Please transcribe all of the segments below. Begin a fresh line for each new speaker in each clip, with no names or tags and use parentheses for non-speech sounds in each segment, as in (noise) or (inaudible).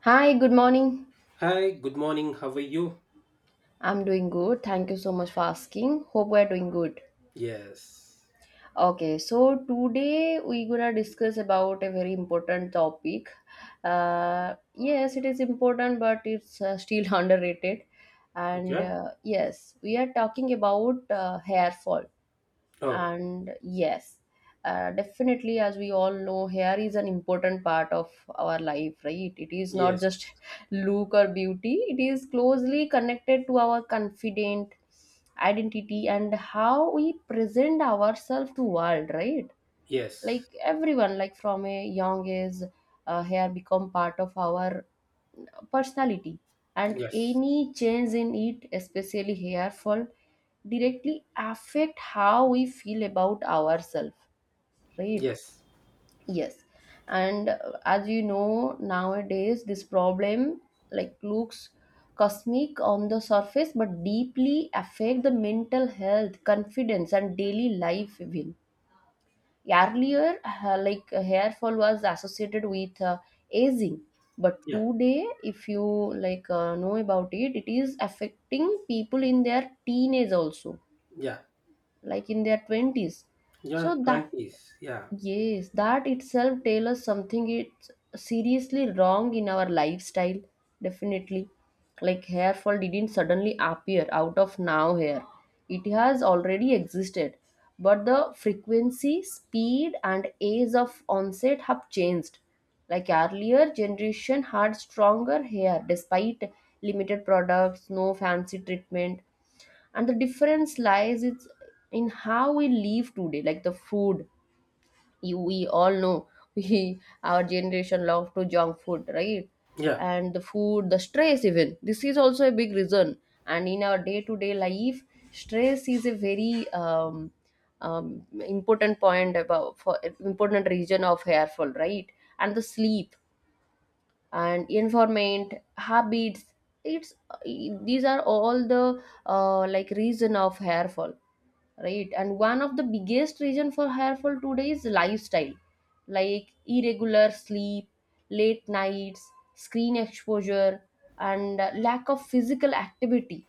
Hi, good morning.
Hi, good morning. How are you?
I'm doing good. Thank you so much for asking. Hope we're doing good.
Yes.
Okay, so today we're gonna discuss about a very important topic. Yes, it is important, but it's still (laughs) underrated. And
Okay.
uh, yes, we are talking about hair fall.
Oh,
And yes, definitely, as we all know, hair is an important part of our life, right? It is not
yes.
just (laughs) look or beauty, it is closely connected to our confident identity and how we present ourselves to world, right?
Yes.
Like everyone, like from a young age, hair become part of our personality, and
Yes.
any change in it, especially hair fall, directly affect how we feel about ourselves, right?
Yes.
Yes, and as you know, nowadays this problem like looks cosmic on the surface but deeply affect the mental health, confidence and daily life even. Earlier, hair fall was associated with aging, but
Yeah.
today, if you like know about it, it is affecting people in their teenage also,
Yeah.
like in their twenties. So
Yeah.
that.
20s. Yeah.
Yes, that itself tells us something, it's seriously wrong in our lifestyle, definitely. Like hair fall didn't suddenly appear out of now here, it has already existed. But the frequency, speed and age of onset have changed. Like earlier generation had stronger hair despite limited products, no fancy treatment. And the difference lies it's in how we live today, like the food. You, we all know (laughs) we our generation love to junk food, right?
Yeah.
And the food, the stress, even this is also a big reason. And in our day to day life, stress is a very important point about for important region of hair fall, right? And the sleep and informant habits, it's, these are all the like reason of hair fall, right? And one of the biggest reason for hair fall today is lifestyle, like irregular sleep, late nights, screen exposure, and lack of physical activity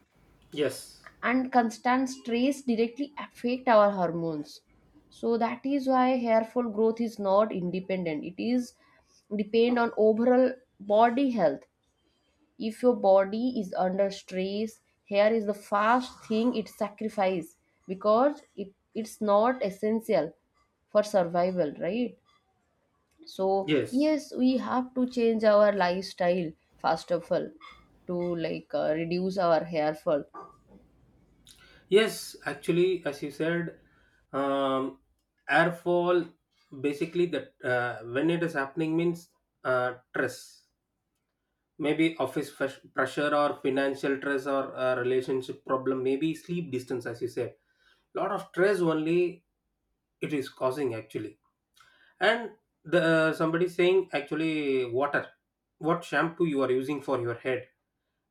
Yes.
and constant stress directly affect our hormones. So that is why hair fall growth is not independent, it is depend on overall body health. If your body is under stress, hair is the first thing it sacrifice, because it's not essential for survival, right? So
Yes.
yes, we have to change our lifestyle first of all to like reduce our hair fall.
Yes. Actually, as you said, um, airfall basically that when it is happening means stress. Maybe office pressure or financial stress or relationship problem, maybe sleep distance, as you said. Lot of stress only it is causing actually. And the somebody saying actually water, what shampoo you are using for your head.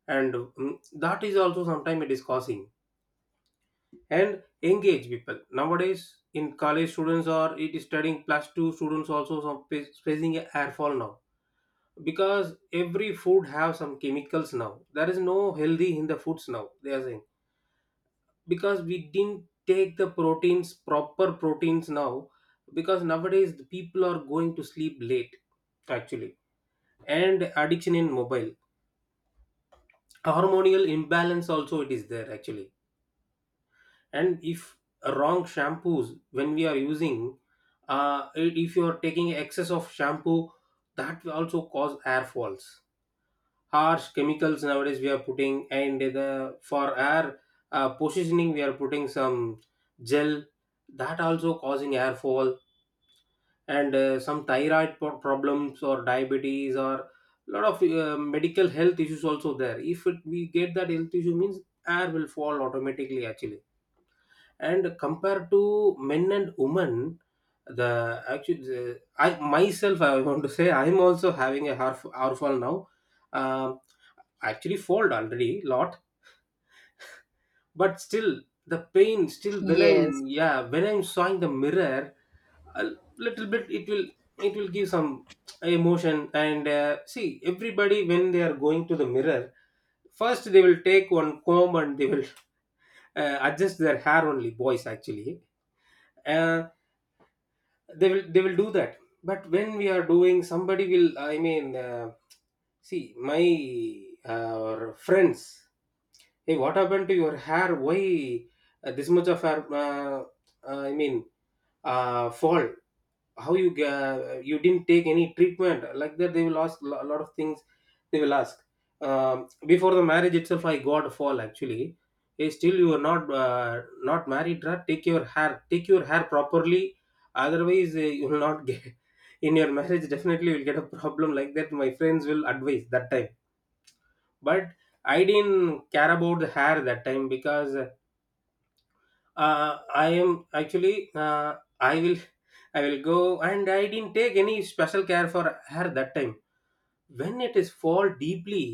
And that is also sometimes it is causing. And engage people nowadays in college students or it is studying plus two students also some facing a hair fall now, because every food have some chemicals now, there is no healthy in the foods now, they are saying. Because we didn't take the proteins proper proteins now, because nowadays the people are going to sleep late actually, and addiction in mobile, hormonal imbalance also it is there actually. And if wrong shampoos when we are using, if you are taking excess of shampoo, that will also cause hair falls. Harsh chemicals nowadays we are putting, and the for air positioning we are putting some gel, that also causing hair fall. And some thyroid problems or diabetes or lot of medical health issues also there. If it, we get that health issue means air will fall automatically actually. And compared to men and women, the actually I myself I want to say I'm also having a hair fall now. Um, I actually fold already lot, but still the pain still when I'm,
Yes
yeah, when I'm sawing the mirror, a little bit it will, it will give some emotion. And see, everybody when they are going to the mirror, first they will take one comb and they will adjust their hair, only boys actually, uh, they will do that. But when we are doing, somebody will, I mean, see my friends, "Hey, what happened to your hair? Why this much of hair? I mean, fall. How you, you didn't take any treatment?" Like that, they will ask a lot of things. They will ask. Before the marriage itself, I got a fall actually. "Hey, still you are not not married, right? Take your hair properly. Otherwise, you will not get (laughs) in your marriage. Definitely, you will get a problem." Like that, my friends will advise that time. But I didn't care about the hair that time, because I am actually, I will go, and I didn't take any special care for hair that time. When it is fall deeply,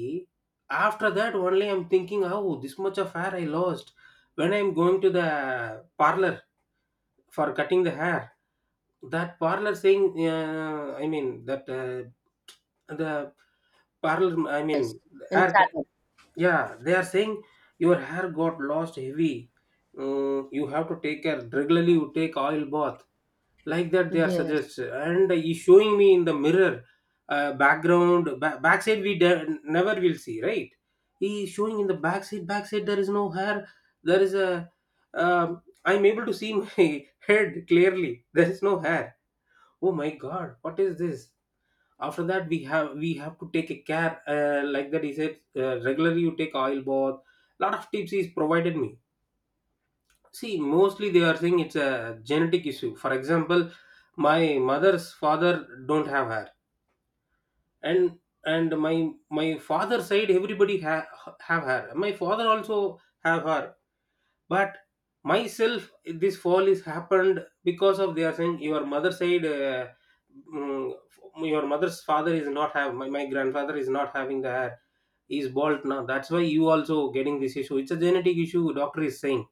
after that only I'm thinking, "Oh, this much of hair I lost," when I'm going to the parlor for cutting the hair. That parlor saying, I mean, that the parlor I mean
and
hair
start.
yeah, they are saying, "Your hair got lost heavy. Mm, you have to take care regularly. You take oil bath," like that. They are suggest,
Yes.
and he showing me in the mirror, background, backside, we never will see, right. He is showing in the backside. Backside there is no hair. There is a. I'm able to see my (laughs) head clearly. There is no hair. Oh my god! What is this? After that we have, we have to take a care like that, he said, regularly you take oil bath. Lot of tips he's provided me. See, mostly they are saying it's a genetic issue. For example, my mother's father don't have hair, and and my father side everybody have hair, my father also have hair. But myself this fall is happened because, of, they are saying, your mother side, mm, your mother's father is not have, my grandfather is not having the hair, he is bald now, that's why you also getting this issue, it's a genetic issue, doctor is saying.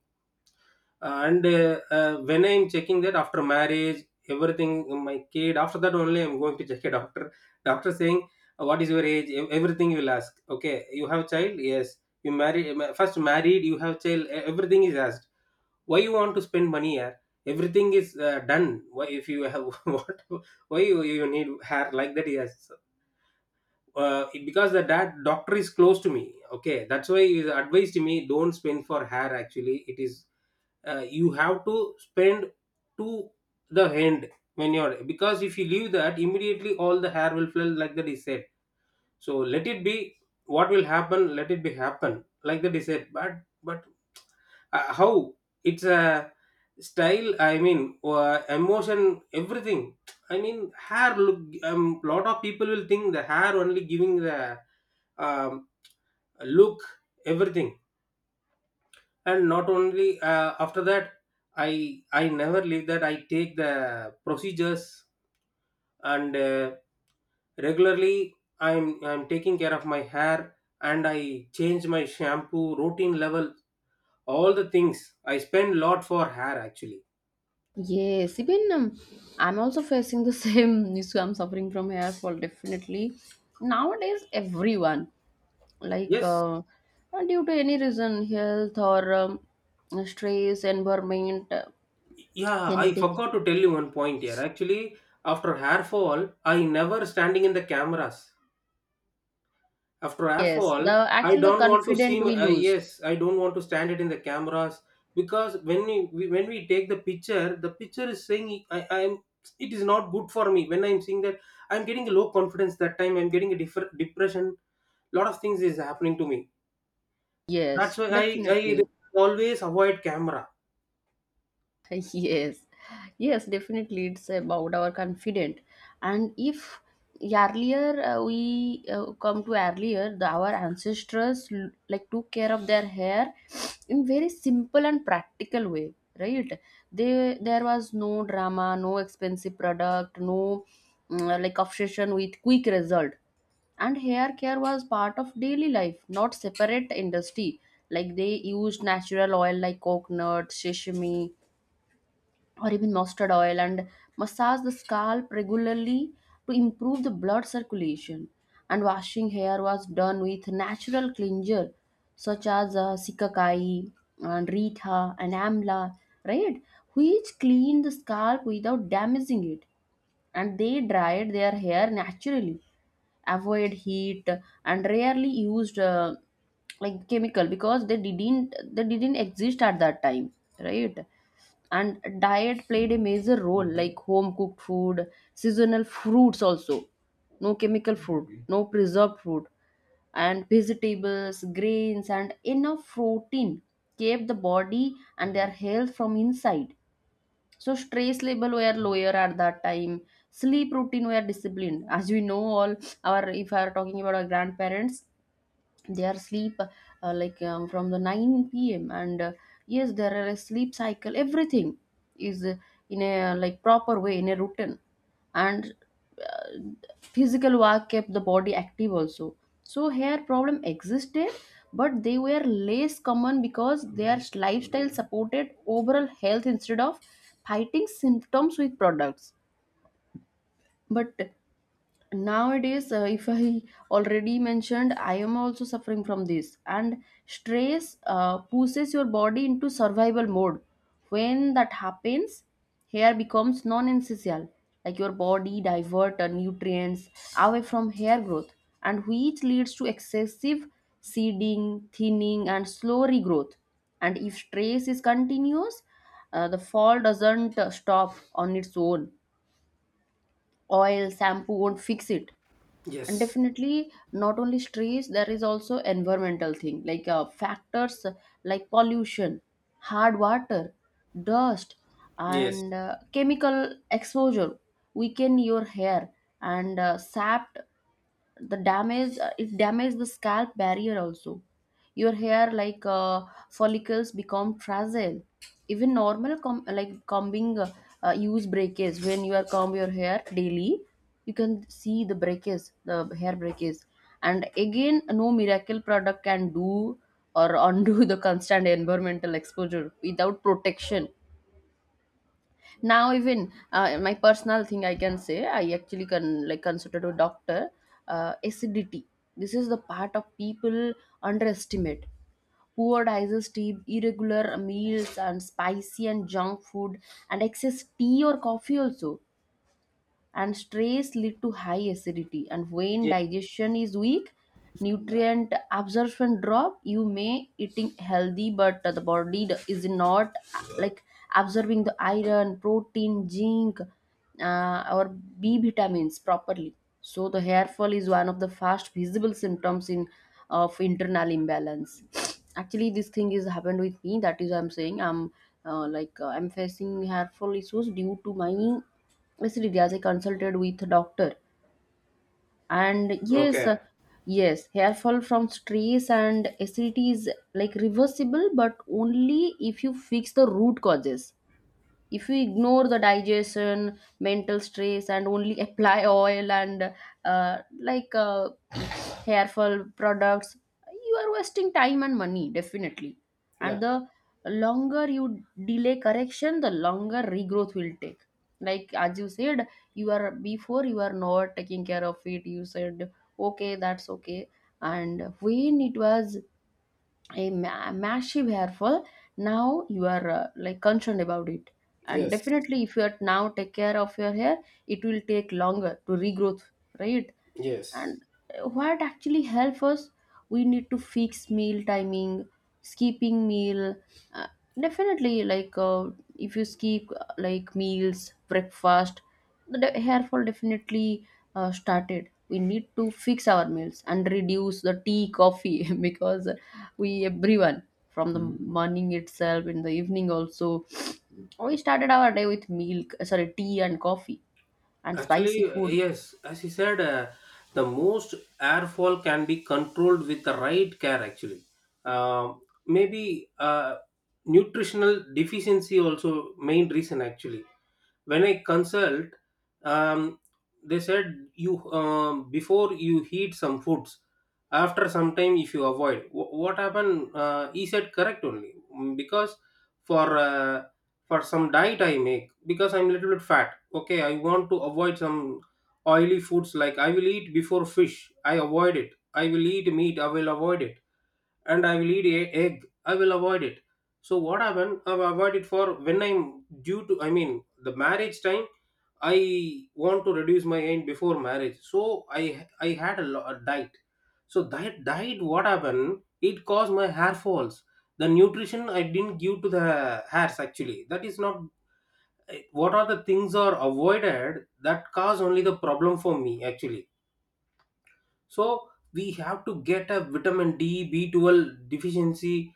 And when I'm checking that after marriage, everything, my kid, after that only I'm going to check a doctor. Doctor saying, "What is your age?" Everything you'll ask. "Okay, you have child?" "Yes, you married, first married, you have child." e- everything is asked. "Why you want to spend money here? Everything is done. Why, if you have (laughs) what, why you, you need hair?" Like that. Yes, because the dad doctor is close to me, okay, that's why he advised me, "Don't spend for hair actually. It is, you have to spend to the end. When you're, because if you leave that immediately all the hair will fall," like that he said. "So let it be. What will happen, let it be happen," like that he said. But, how, it's a style, I mean, emotion, everything, I mean hair look, um, lot of people will think the hair only giving the, um, look, everything. And not only after that, i I never leave that, I take the procedures. And regularly I'm taking care of my hair, and I change my shampoo routine level, all the things, I spend lot for hair actually.
Yes. Even I'm also facing the (laughs) same issue. I'm suffering from hair fall definitely. Nowadays, everyone, like
Yes.
uh, uh, due to any reason, health or stress, environment,
Yeah, I
genetic.
forgot to tell you one point here. Actually, after hair fall, I never standing in the cameras. After hair
Yes.
fall,
The
I
actually the
don't want to see.
confident we lose.
Yes, I don't want to stand it in the cameras, because when we when we take the picture is saying I am. It is not good for me when I'm seeing that. I'm getting low confidence that time. I'm getting a different depression. Lot of things is happening to me. That's
Yes,
why I
definitely.
always avoid camera.
(laughs) Yes, yes, definitely. It's about our confident, and if earlier we come to earlier, the, our ancestors like took care of their hair (sniffs) in very simple and practical way, right? They there was no drama, no expensive product, no like obsession with quick result. And hair care was part of daily life, not separate industry, like they used natural oil like coconut, sesame, or even mustard oil, and massage the scalp regularly to improve the blood circulation. And washing hair was done with natural cleanser such as sikakai and rita and amla, right? Which clean the scalp without damaging it. And they dried their hair naturally, avoid heat, and rarely used like chemical, because they didn't exist at that time, right? And diet played a major role, like home cooked food, seasonal fruits also, no chemical food. Okay. No preserved food, and vegetables, grains and enough protein kept the body and their health from inside. So stress level were lower at that time, sleep routine were disciplined, as we know all. Our, if we are talking about our grandparents, they are sleep from the 9 p.m and yes, there are a sleep cycle, everything is in a like proper way, in a routine. And physical work kept the body active also. So hair problem existed, but they were less common because their lifestyle supported overall health instead of fighting symptoms with products. But nowadays, if I already mentioned, I am also suffering from this, and stress pushes your body into survival mode. When that happens, hair becomes non-essential, like your body divert nutrients away from hair growth, and which leads to excessive seeding, thinning and slow regrowth. And if stress is continuous, the fall doesn't stop on its own, oil shampoo won't fix it. And
Yes.
definitely not only stress, there is also environmental thing like factors, like pollution, hard water, dust
Yes,
and chemical exposure weaken your hair. And sap the damage, it damages the scalp barrier also. Your hair like follicles become fragile, even normal like combing use breakage. When you are comb your hair daily, you can see the breakage, the hair breakage. And again, no miracle product can do or undo (laughs) the constant environmental exposure without protection. Now even my personal thing I can say, I actually can like consider to doctor. Acidity, this is the part of people underestimate. Poor digestive, irregular meals and spicy and junk food and excess tea or coffee also, and stress lead to high acidity. And when
yes.
digestion is weak, nutrient absorption drop. You may eating healthy but the body is not like absorbing the iron, protein, zinc, or B vitamins properly. So the hair fall is one of the fast visible symptoms in of internal imbalance. (sniffs) Actually this thing is happened with me, that is I'm saying I'm I'm facing hair fall issues due to my. Yes, Rityaj, I consulted with doctor, and yes,
Okay.
yes, hair fall from stress and acidity is like reversible, but only if you fix the root causes. If we ignore the digestion, mental stress, and only (laughs) apply oil and uh, like uh, hair fall products, you are wasting time and money, definitely.
Yeah.
And the longer you delay correction, the longer regrowth will take. Like as you said, you are before you are not taking care of it, you said okay, that's okay. And when it was a massive hairfall, now you are like concerned about it. And
Yes,
definitely if you are now take care of your hair, it will take longer to regrowth, right?
yes.
And what actually help us, we need to fix meal timing, skipping meal, uh, definitely, like if you skip like meals, breakfast, the hair fall definitely started. We need to fix our meals and reduce the tea coffee, (laughs) because we everyone from the morning itself, in the evening also, (sniffs) we started our day with milk, sorry, tea and coffee and spicy
Actually,
food.
yes, as he said, the most airfall can be controlled with the right care, actually. Um Maybe nutritional deficiency also main reason actually. When I consult, um, they said, "You, before you heat some foods, after some time if you avoid," what happened, he said correct only. Mm, because for uh, for some diet I make, because I'm a little bit fat. Okay, I want to avoid some oily foods. Like I will eat before fish, I avoid it. I will eat meat, I will avoid it. And I will eat a egg, I will avoid it. So what happened? I avoid it for when I'm due to, I mean, the marriage time. I want to reduce my aim before marriage, so I had a, a diet. So that diet, what happened? It caused my hair falls. The nutrition I didn't give to the hairs actually. That is not. What are the things are avoided, that cause only the problem for me actually. So we have to get a vitamin d B12 deficiency,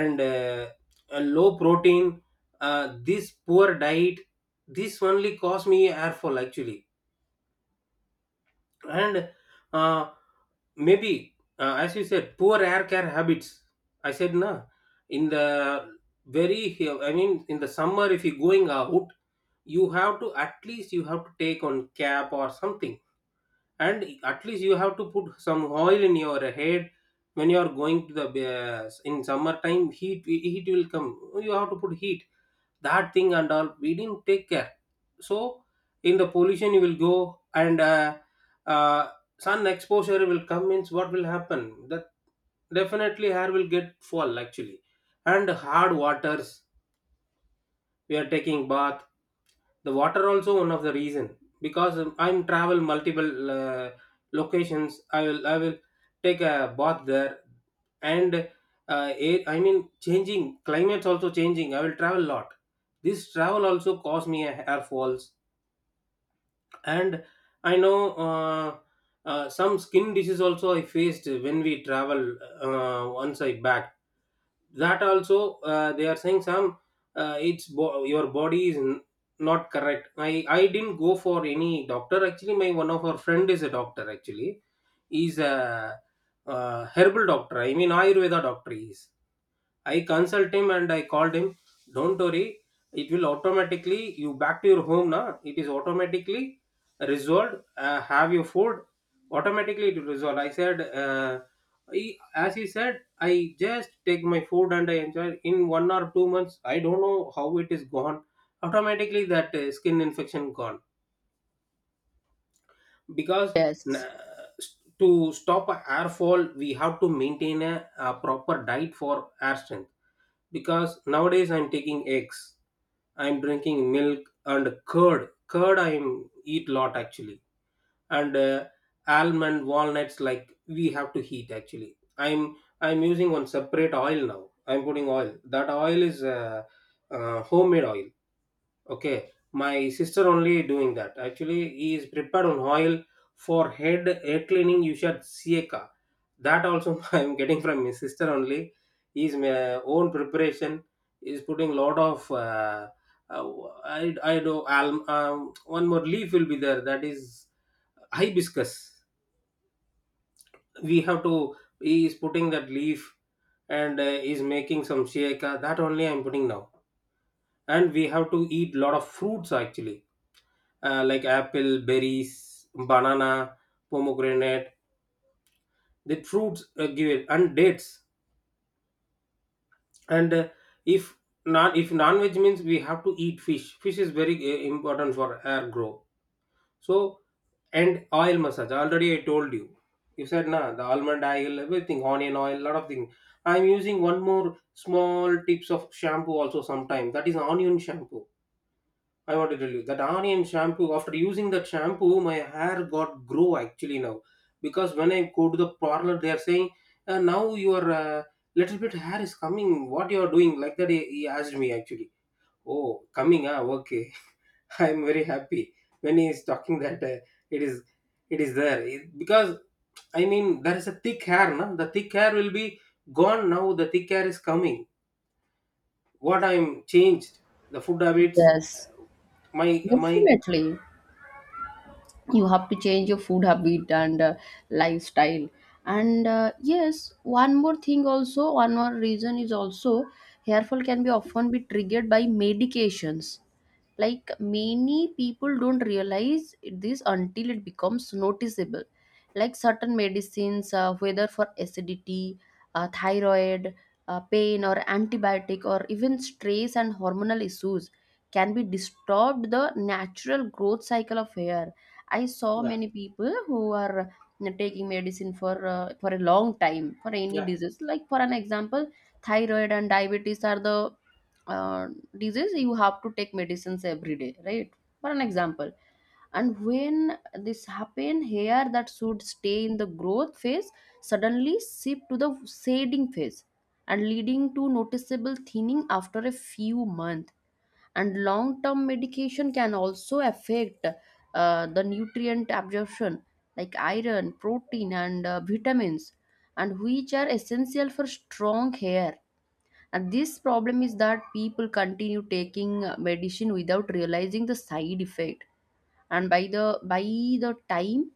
and a low protein, this poor diet, this only caused me air fall actually. And uh, maybe as you said, poor air care habits. I said nah, in the very, I mean in the summer, if you're going out, you have to, at least you have to take on cap or something, and at least you have to put some oil in your head. When you are going to the in summertime, heat will come, you have to put heat, that thing and all we didn't take care. So in the pollution you will go, and uh, sun exposure will come means, what will happen, that definitely hair will get fall actually. And hard waters, we are taking bath, the water also one of the reason. Because I'm travel multiple locations, I will take a bath there. And air, I mean, changing climates also changing, I will travel lot. This travel also cause me a hair falls. And I know, uh, some skin disease also I faced when we travel. Once I back, that also, they are saying some, it's your body is not correct. I didn't go for any doctor actually. My, one of our friend is a doctor actually. He's a herbal doctor, I mean ayurveda doctor he is. I consult him and I called him. "Don't worry, it will automatically you back to your home now. It is automatically resolved. Have your food. Automatically it will resolve." I said, he, as he said, I just take my food and I enjoy. In one or two months, I don't know how it is gone. Automatically that skin infection gone because n-
Yes.
to stop a hair fall we have to maintain a proper diet for hair strength because nowadays I'm taking eggs, I'm drinking milk and curd. Curd I am eat lot actually. And Almond, walnuts, like we have to heat. Actually, I'm using one separate oil now. I'm putting oil. That oil is homemade oil. Okay, my sister only doing that. Actually, he is prepared on oil for head cleaning. You should sieka. That also (laughs) I am getting from my sister only. His own preparation is putting lot of I do alm, one more leaf will be there. That is hibiscus. We have to. He is putting that leaf and is making some sieka. That only I am putting now. And we have to eat lot of fruits actually, like apple, berries, banana, pomegranate. The fruits give it, and dates. And if non, if non veg means, we have to eat fish. Fish is very important for hair growth. So, and oil massage. Already I told you. You said nah, the almond oil, everything, onion oil, lot of things. I'm using one more small tips of shampoo also sometimes. That is onion shampoo. I want to tell you that onion shampoo. After using that shampoo, my hair got grow actually now, because when I go to the parlor, they are saying, "Now your little bit hair is coming. What you are doing?" Like that, he asked me actually. Oh, coming? Ah, okay. (laughs) I am very happy when he is talking that it is it is there. Because I mean there is a thick hair. Na? The thick hair will be gone now. The thick hair is coming. What I am changed. The food habits.
Yes.
My my
Definitely, you have to change your food habit and lifestyle. And yes, one more thing also, one more reason is also hair fall can be often be triggered by medications, like many people don't realize this until it becomes noticeable. Like certain medicines, whether for acidity, thyroid, pain or antibiotic, or even stress and hormonal issues, can be disturbed the natural growth cycle of hair. I saw
yeah,
many people who are taking medicine for a long time for any
yeah.
disease, like for an example thyroid and diabetes are the uh, disease, you have to take medicines every day, right? For an example. And when this happen, hair that should stay in the growth phase suddenly shift to the shading phase, and leading to noticeable thinning after a few months. And long term medication can also affect the nutrient absorption, like iron, protein and vitamins, and which are essential for strong hair. And this problem is that people continue taking medicine without realizing the side effect. And by the time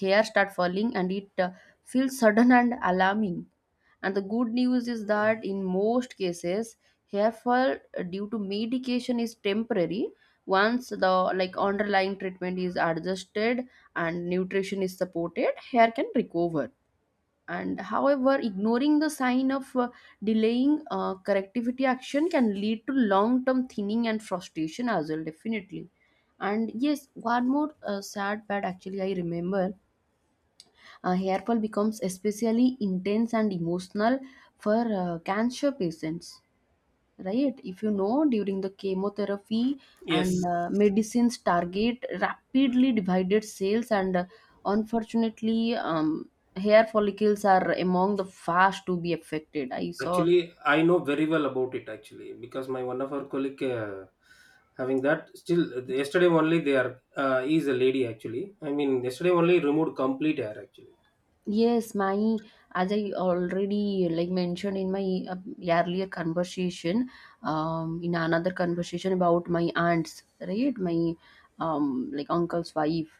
hair start falling and it feels sudden and alarming. And the good news is that in most cases, hair fall due to medication is temporary. Once the like underlying treatment is adjusted and nutrition is supported, hair can recover. And however ignoring the sign of delaying correctivity action can lead to long term thinning and frustration as well, definitely. And yes, one more sad part, actually I remember, hair fall becomes especially intense and emotional for cancer patients, right? If you know, during the chemotherapy,
Yes,
and medicines target rapidly divided cells, and unfortunately, hair follicles are among the first to be affected, I saw.
actually, I know very well about it actually, because my one of our colleague having that still, yesterday only they are he is a lady actually. I mean yesterday only removed complete hair actually.
Yes, my, as I already like mentioned in my earlier conversation, in another conversation about my aunts, right? My like uncle's wife.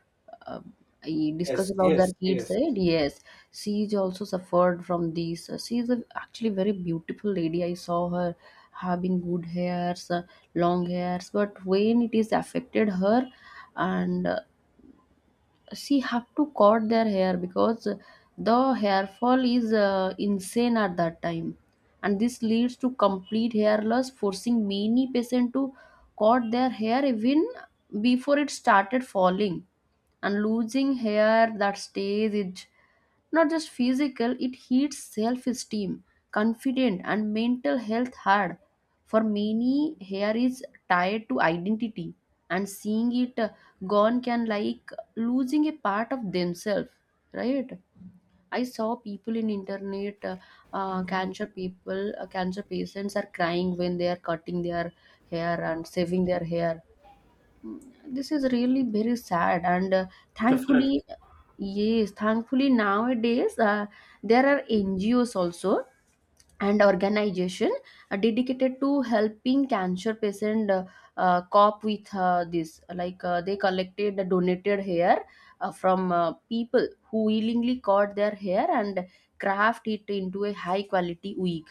Uh, I discussed
Yes,
about their
yes,
kids,
yes.
right? Yes, she is also suffered from this. She is a, actually very beautiful lady. I saw her having good hairs, long hairs, but when it is affected her, and she have to cut their hair because the hair fall is insane at that time, and this leads to complete hair loss, forcing many patients to cut their hair even before it started falling. And losing hair that stays is not just physical, it hits self-esteem, confident, and mental health hard. For many, hair is tied to identity, and seeing it gone can like losing a part of themselves, right? I saw people in internet, cancer people, cancer patients are crying when they are cutting their hair and saving their hair. Mm, this is really very sad and
Definitely.
thankfully, yes, thankfully nowadays, there are NGOs also and organization, dedicated to helping cancer patient cope with this, like they collected the donated hair, from people who willingly cut their hair and craft it into a high quality wig.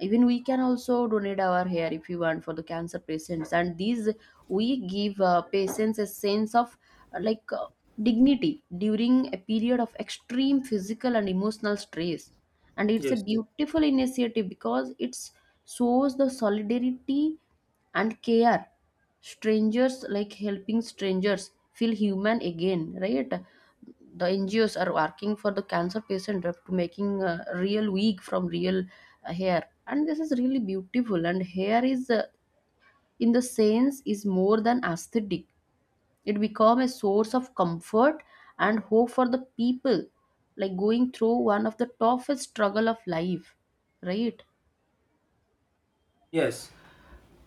Even we can also donate our hair if you want for the cancer patients, and these we give patients a sense of uh, like uh, dignity during a period of extreme physical and emotional stress. And it's a
Yes.
beautiful initiative because it shows the solidarity and care, strangers like helping strangers feel human again, right? The NGOs are working for the cancer patient up to making real wig from real hair, and this is really beautiful. And hair is, in the sense, is more than aesthetic. It become a source of comfort and hope for the people, like going through one of the toughest struggle of life, right?
Yes.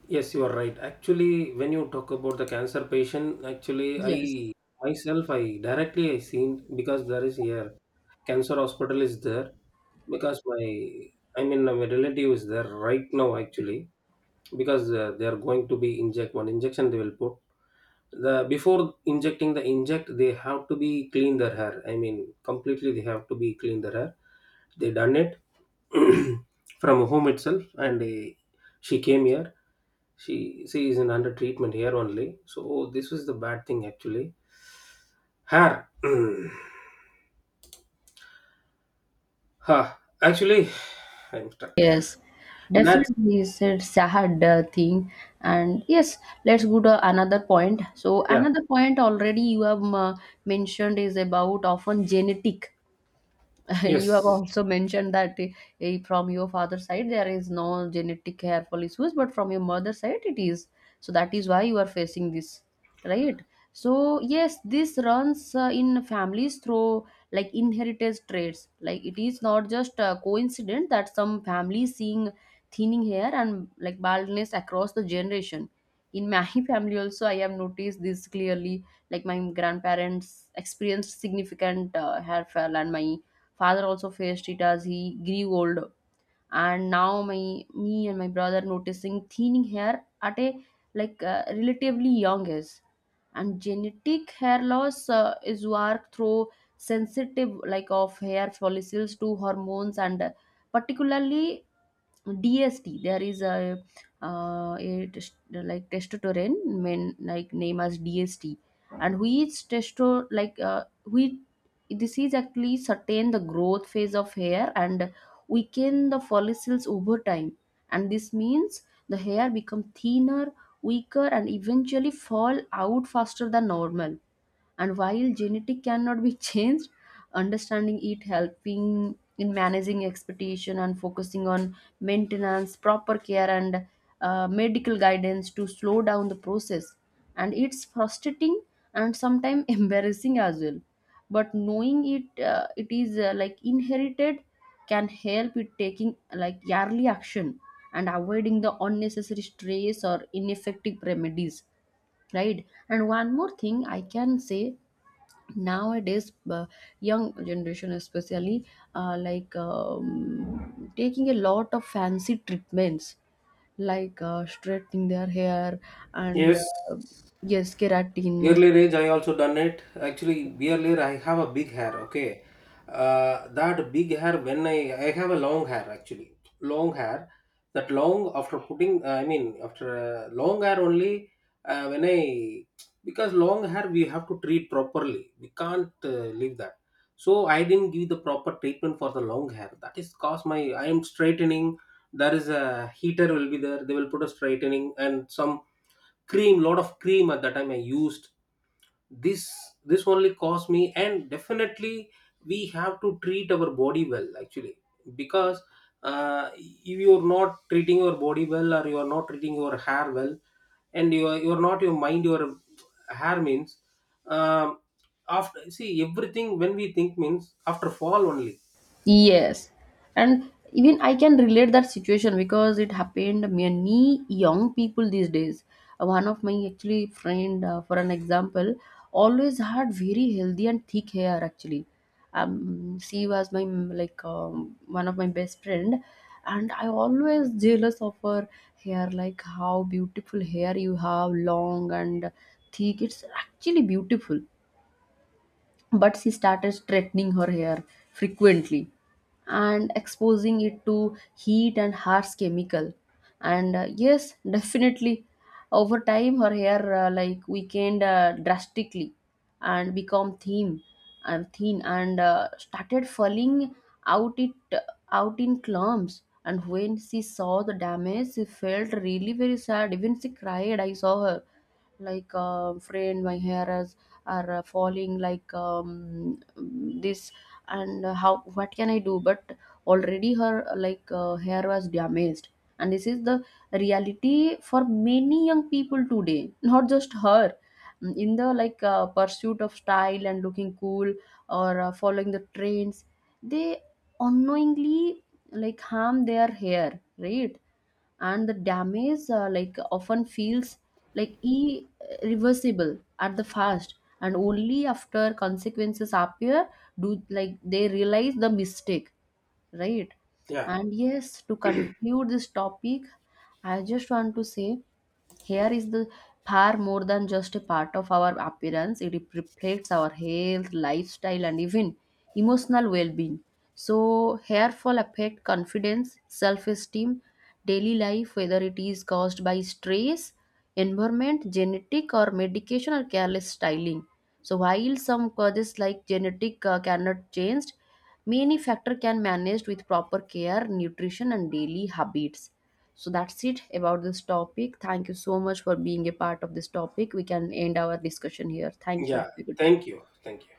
Yes, you are right. Actually, when you talk about the cancer patient, actually,
Yes.
I myself, I directly I seen because there is here cancer hospital is there because my, I mean my relative is there right now actually. Because they are going to be inject one injection. They will put the, before injecting the inject, they have to be clean their hair, I mean completely they have to be clean their hair. They done it (clears throat) from home itself and they, she came here. She is in under treatment here only. So this is the bad thing actually. Hair. (clears throat) Huh. Actually, I'm stuck.
Yes,
That's,
definitely it's a sad thing. And yes, let's go to another point. So
yeah,
another point already you have mentioned is about often genetic. (laughs) You have
yes,
also mentioned that from your father's side there is no genetic hairfall issues, but from your mother's side it is, so that is why you are facing this, right? So yes, this runs in families through like inheritance traits. Like it is not just a coincidence that some families seeing thinning hair and like baldness across the generation. In my (laughs) family also, I have noticed this clearly. Like my grandparents experienced significant hair fall, and my father also faced it as he grew older. And now my me and my brother noticing thinning hair at a relatively young age. And genetic hair loss is worked through sensitive like of hair follicles to hormones and particularly DST. There is a test, like testosterone men like name as DST, and which testo like we this is actually certain the growth phase of hair and weaken the follicles over time, and this means the hair become thinner, weaker, and eventually fall out faster than normal. And while genetic cannot be (laughs) changed, understanding it helping in managing expectation and focusing on maintenance, proper care, and medical guidance to slow down the process. And it's frustrating and sometimes (laughs) embarrassing as well. But knowing it, it is like inherited, can help with taking like yearly action and avoiding the unnecessary stress or ineffective remedies, right? And one more thing I can say, nowadays young generation especially, taking a lot of fancy treatments like straightening their hair and
yes.
yes keratin.
Earlier age, I also done it. Actually, earlier I have a big hair. Okay, that big hair when I have a long hair actually, long hair. That long after putting, I mean after long hair only when I, because long hair we have to treat properly. We can't leave that. So I didn't give the proper treatment for the long hair. That is cause my, I am straightening. There is a heater will be there. They will put a straightening and some cream, lot of cream at that time I used. this this only cost me. And definitely we have to treat our body well actually, because if you're not treating your body well or you're not treating your hair well, and you're not your mind, your hair means, um, after see everything when we think means after fall only.
Yes, and even I can relate that situation because it happened many young people these days. One of my actually friend, for an example, always had very healthy and thick hair. Actually, she was my one of my best friend, and I always jealous of her hair. Like how beautiful hair you have, long and thick. It's actually beautiful, but she started straightening her hair frequently and exposing it to heat and harsh chemical. And yes, (laughs) definitely over time her hair like weakened drastically and become thin and thin and started falling out, it out in clumps. And when she saw the damage, she felt really very sad, even she cried. I saw her like fraying, my hair is are falling like this, and how what can I do? But already her hair was damaged, and this is the reality for many young people today. (laughs) Not just her. Mm, in the pursuit of style and looking cool or following the trends, they unknowingly like harm their hair, right? And the damage like often feels like irreversible at the first, and only after consequences appear do like they realize the mistake, right?
Yeah,
And yes, to conclude this topic, I just want to say hair is the far more than just a part of our appearance. It reflects our health, lifestyle, and even emotional well-being. So hair fall affect confidence, self-esteem, daily life, whether it is caused by stress, environment, genetic, or medication or careless styling. So while some causes like genetic cannot changed, many factor can managed with proper care, nutrition, and daily habits. So that's it about this topic. Thank you so much for being a part of this topic. We can end our discussion here. Thank you.
yeah.
Have a good day.
Thank you, thank you.